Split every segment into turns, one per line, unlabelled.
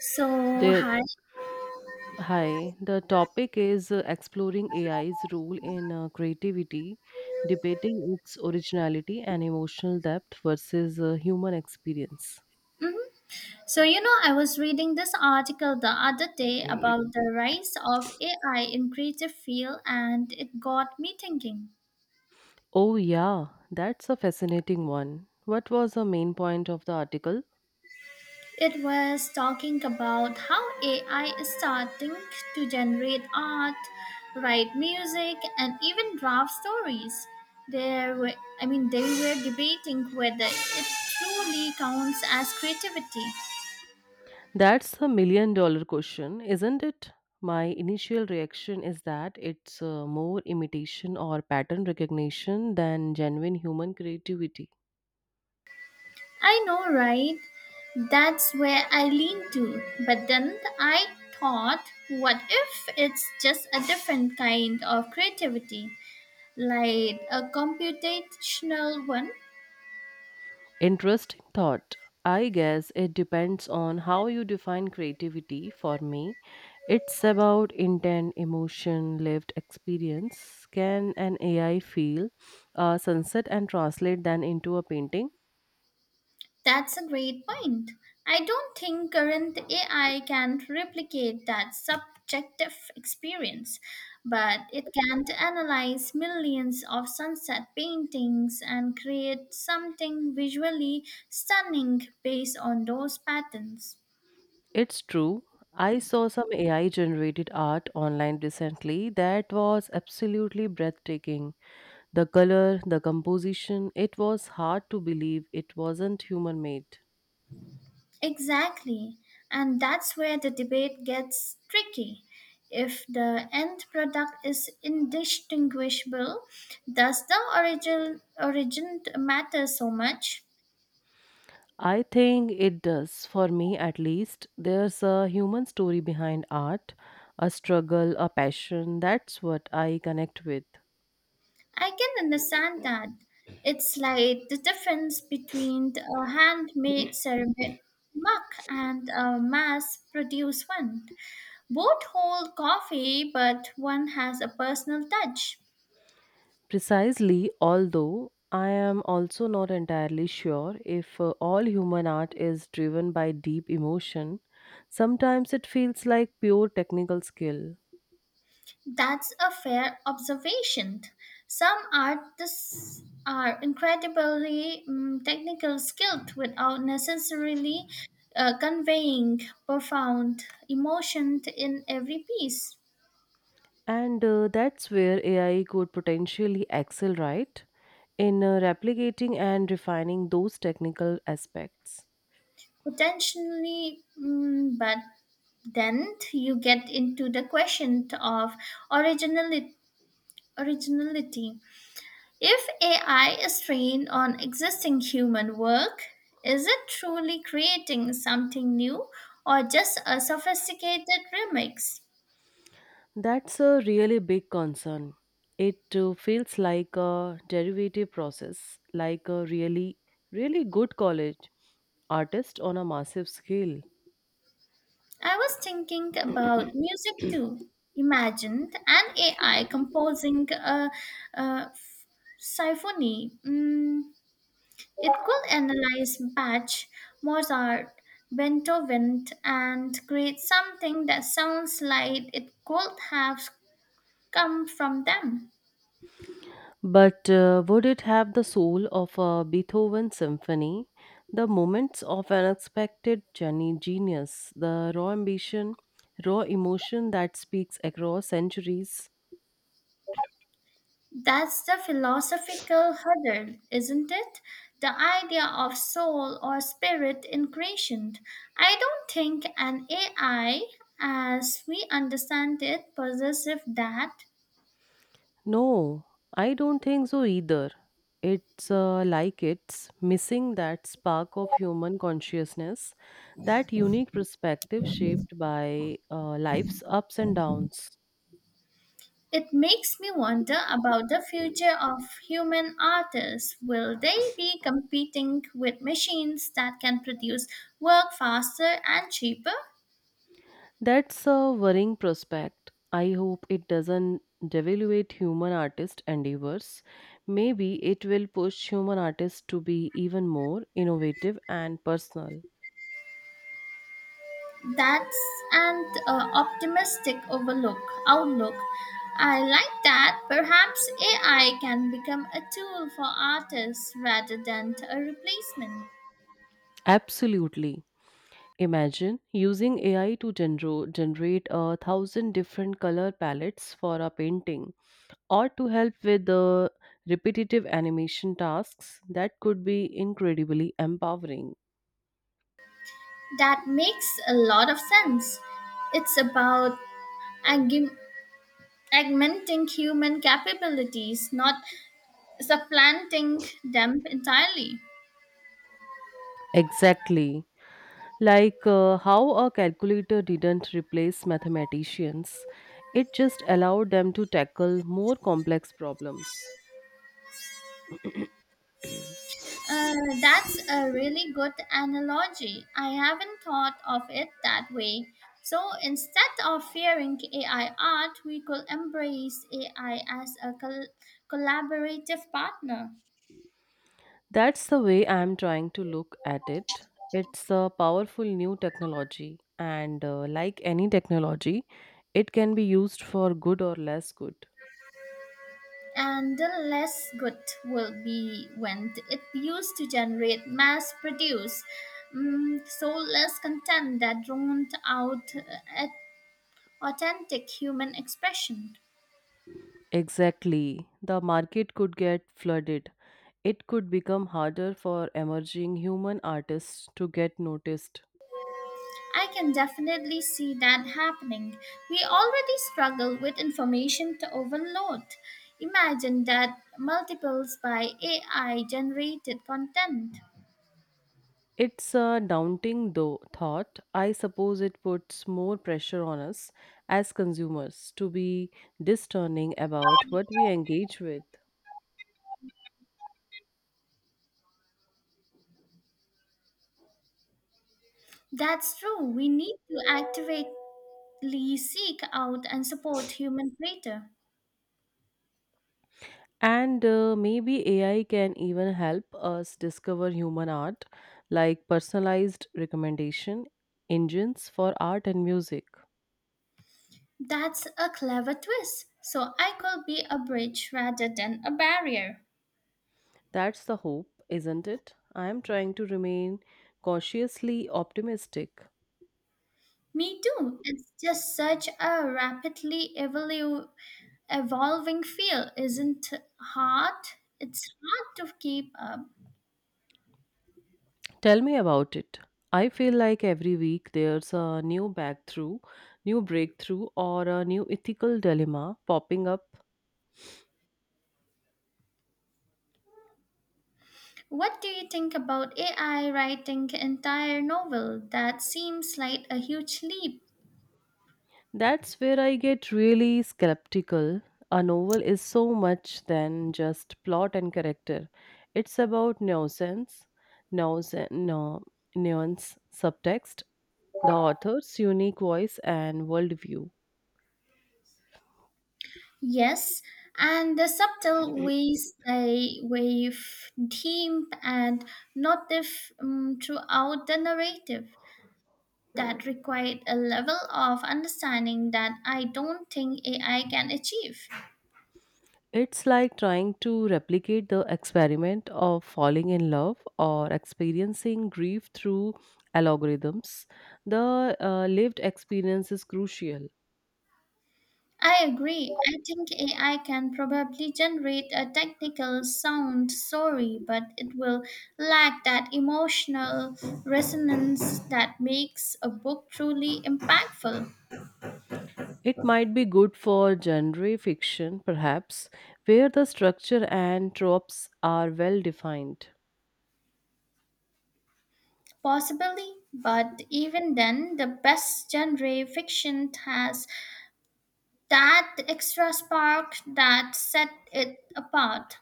So,
Dear,
hi.
hi. The topic is exploring AI's role in creativity, debating its originality and emotional depth versus human experience.
Mhm. So, I was reading this article the other day about the rise of AI in creative field and it got me thinking.
Oh, yeah, that's a fascinating one. What was the main point of the article?
It was talking about how AI is starting to generate art, write music and even draft stories. There were I mean they were debating whether it truly counts as creativity.
That's the million dollar question, isn't it? My initial reaction is that it's more imitation or pattern recognition than genuine human creativity.
I know, right? That's where I lean to. But then I thought, what if it's just a different kind of creativity, like a computational one?
Interesting thought. I guess it depends on how you define creativity. For me, it's about intent, emotion, lived experience. Can an AI feel a sunset and translate that into a painting?
That's a great point. I don't think current AI can replicate that subjective experience, but it can analyze millions of sunset paintings and create something visually stunning based on those patterns.
It's true. I saw some AI generated art online recently that was absolutely breathtaking. The color, the composition, it was hard to believe it wasn't human made.
Exactly. And that's where the debate gets tricky. If the end product is indistinguishable, does the origin matter so much?
I think it does, for me at least. There's a human story behind art, a struggle, a passion. That's what I connect with.
I can understand that. It's like the difference between a handmade ceramic mug and a mass produced one. Both hold coffee, but one has a personal touch.
Precisely, although I am also not entirely sure if all human art is driven by deep emotion. Sometimes it feels like pure technical skill.
That's a fair observation. Some artists are incredibly technical skilled without necessarily conveying profound emotion in every piece.
And that's where AI could potentially excel, right? In replicating and refining those technical aspects.
Potentially, but then you get into the question of originality. originality. If AI is trained on existing human work, is it truly creating something new or just a sophisticated remix?
That's a really big concern. It feels like a derivative process, like a really, really good college artist on a massive scale.
I was thinking about music too. Imagine an AI composing a f- symphony. It could analyze Bach, Mozart, Beethoven, and create something that sounds like it could have come from them.
But would it have the soul of a Beethoven symphony, the moments of unexpected genius, the raw ambition, raw emotion that speaks across centuries?
That's the philosophical hurdle, isn't it? The idea of soul or spirit in creation. I don't think an AI, as we understand it, possesses that.
No, I don't think so either. It's like it's missing that spark of human consciousness, that unique perspective shaped by life's ups and downs.
It makes me wonder about the future of human artists. Will they be competing with machines that can produce work faster and cheaper?
That's a worrying prospect. I hope it doesn't devaluate human artist endeavors. Maybe it will push human artists to be even more innovative and personal.
That's an optimistic overlook outlook. I like that. Perhaps AI can become a tool for artists rather than a replacement.
Absolutely. Imagine using AI to generate a thousand different color palettes for a painting or to help with the repetitive animation tasks that could be incredibly empowering.
That makes a lot of sense. It's about aug- augmenting human capabilities, not supplanting them entirely.
Exactly. Like how a calculator didn't replace mathematicians, it just allowed them to tackle more complex problems.
Uh, that's a really good analogy. I haven't thought of it that way. So instead of fearing AI art, we could embrace AI as a collaborative partner.
That's the way I'm trying to look at it. It's a powerful new technology, and like any technology, it can be used for good or less good.
And the less good will be when it used to generate mass produce. So less content that drowned out authentic human expression.
Exactly. The market could get flooded. It could become harder for emerging human artists to get noticed.
I can definitely see that happening. We already struggle with information to overload. Imagine that multiples by AI generated content.
It's a daunting thought. I suppose it puts more pressure on us as consumers to be discerning about what we engage with.
That's true. We need to actively seek out and support human creator.
And maybe AI can even help us discover human art, like personalized recommendation engines for art and music.
That's a clever twist. So I could be a bridge rather than a barrier.
That's the hope, isn't it? I am trying to remain cautiously optimistic.
Me too. It's just such a rapidly evolving field, isn't it hard? It's hard to keep up.
Tell me about it. I feel like every week there's a new breakthrough or a new ethical dilemma popping up.
What do you think about AI writing entire novel? That seems like a huge leap.
That's where I get really skeptical. A novel is so much than just plot and character. It's about nuisance, nuisance, no, nuance, subtext, the author's unique voice and worldview.
Yes, and the subtle ways they weave theme and motif throughout the narrative that required a level of understanding that I don't think AI can achieve.
It's like trying to replicate the experiment of falling in love or experiencing grief through algorithms. The lived experience is crucial.
I agree. I think AI can probably generate a technical sound story, but it will lack that emotional resonance that makes a book truly impactful.
It might be good for genre fiction, perhaps, where the structure and tropes are well defined.
Possibly, but even then, the best genre fiction has that extra spark that set it apart.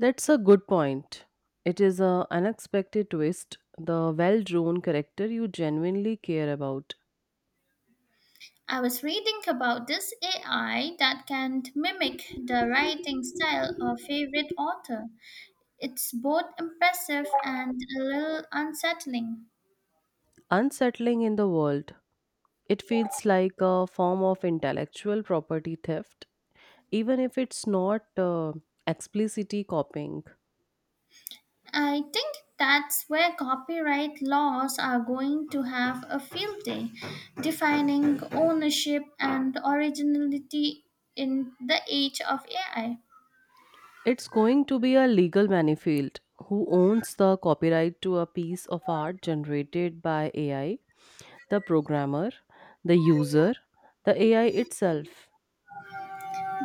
That's a good point. It is an unexpected twist, the well drawn character you genuinely care about.
I was reading about this AI that can mimic the writing style of favorite author. It's both impressive and a little unsettling.
Unsettling in the world, it feels like a form of intellectual property theft, even if it's not explicitly copying.
I think that's where copyright laws are going to have a field day, defining ownership and originality in the age of AI.
It's going to be a legal minefield. Who owns the copyright to a piece of art generated by AI? The programmer, the user, the AI itself.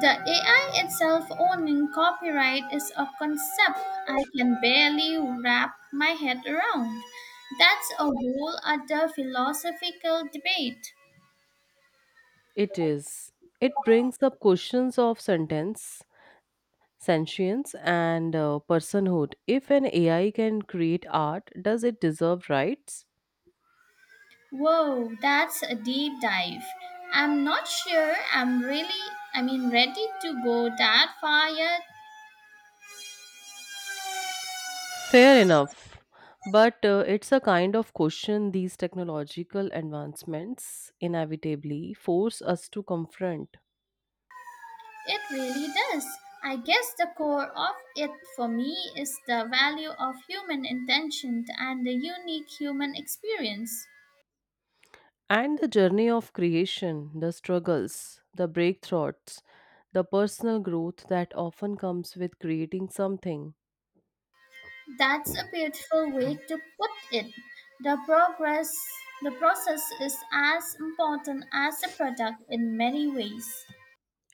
The AI itself owning copyright is a concept I can barely wrap my head around. That's a whole other philosophical debate.
It is. It brings up questions of sentience, and personhood. If an AI can create art, does it deserve rights?
Whoa, that's a deep dive. I'm not sure I'm really, I mean, ready to go that far yet.
Fair enough. But it's a kind of question these technological advancements inevitably force us to confront.
It really does. I guess the core of it for me is the value of human intention and the unique human experience.
And the journey of creation, the struggles, the breakthroughs, the personal growth that often comes with creating something.
That's a beautiful way to put it. The progress, the process is as important as the product in many ways.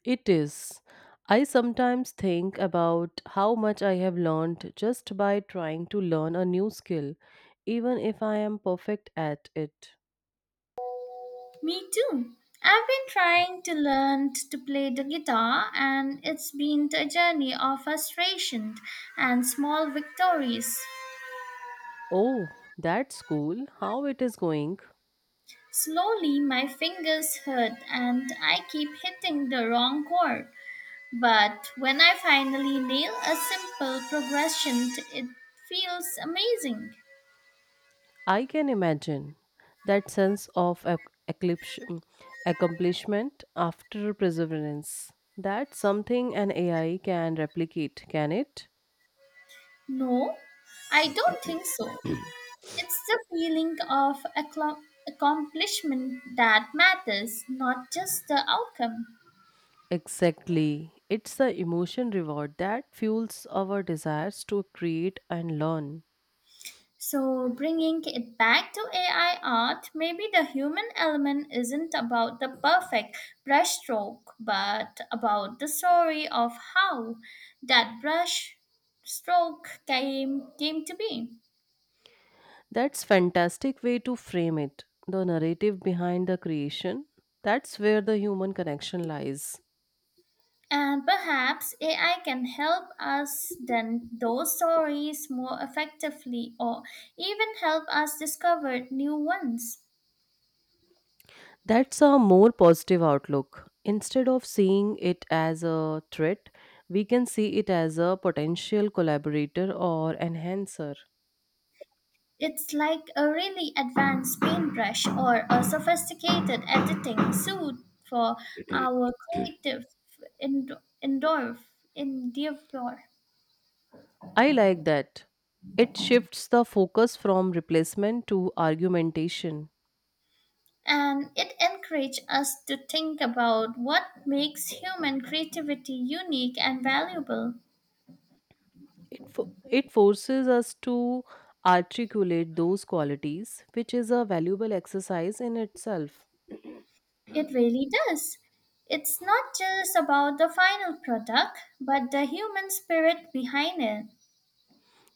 It is. I sometimes think about how much I have learned just by trying to learn a new skill, even if I am perfect at it.
Me too. I've been trying to to play the guitar, and it's been a journey of frustration and small victories.
Oh, that's cool. How it is going?
Slowly, my fingers hurt, and I keep hitting the wrong chord. But when I finally nail a simple progression, it feels amazing.
I can imagine that sense of eclipse, accomplishment after perseverance. That's something an AI can replicate, can it?
No, I don't think so. It's the feeling of accomplishment that matters, not just the outcome.
Exactly. It's the emotion reward that fuels our desires to create and learn.
So, bringing it back to AI art, maybe the human element isn't about the perfect brushstroke, but about the story of how that brush stroke came to be.
That's fantastic way to frame it. The narrative behind the creation. That's where the human connection lies.
And perhaps AI can help us tell those stories more effectively or even help us discover new ones.
That's a more positive outlook. Instead of seeing it as a threat, we can see it as a potential collaborator or enhancer.
It's like a really advanced paintbrush or a sophisticated editing suit for our creative indoor endeavor.
I like that. It shifts the focus from replacement to argumentation.
And it encourages us to think about what makes human creativity unique and valuable.
It forces us to articulate those qualities, which is a valuable exercise in itself.
It really does. It's not just about the final product, but the human spirit behind it.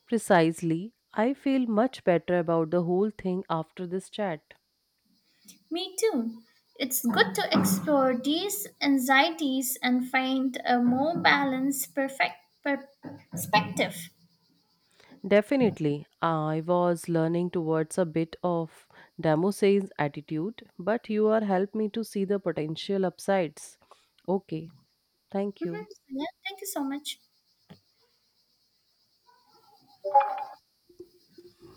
Precisely, I feel much better about the whole thing after this chat.
Me too. It's good to explore these anxieties and find a more balanced, per- perspective.
Definitely, I was learning towards a bit of Damose's attitude, but you are helped me to see the potential upsides. Okay, thank
Mhm.
you.
Yeah, thank you so much.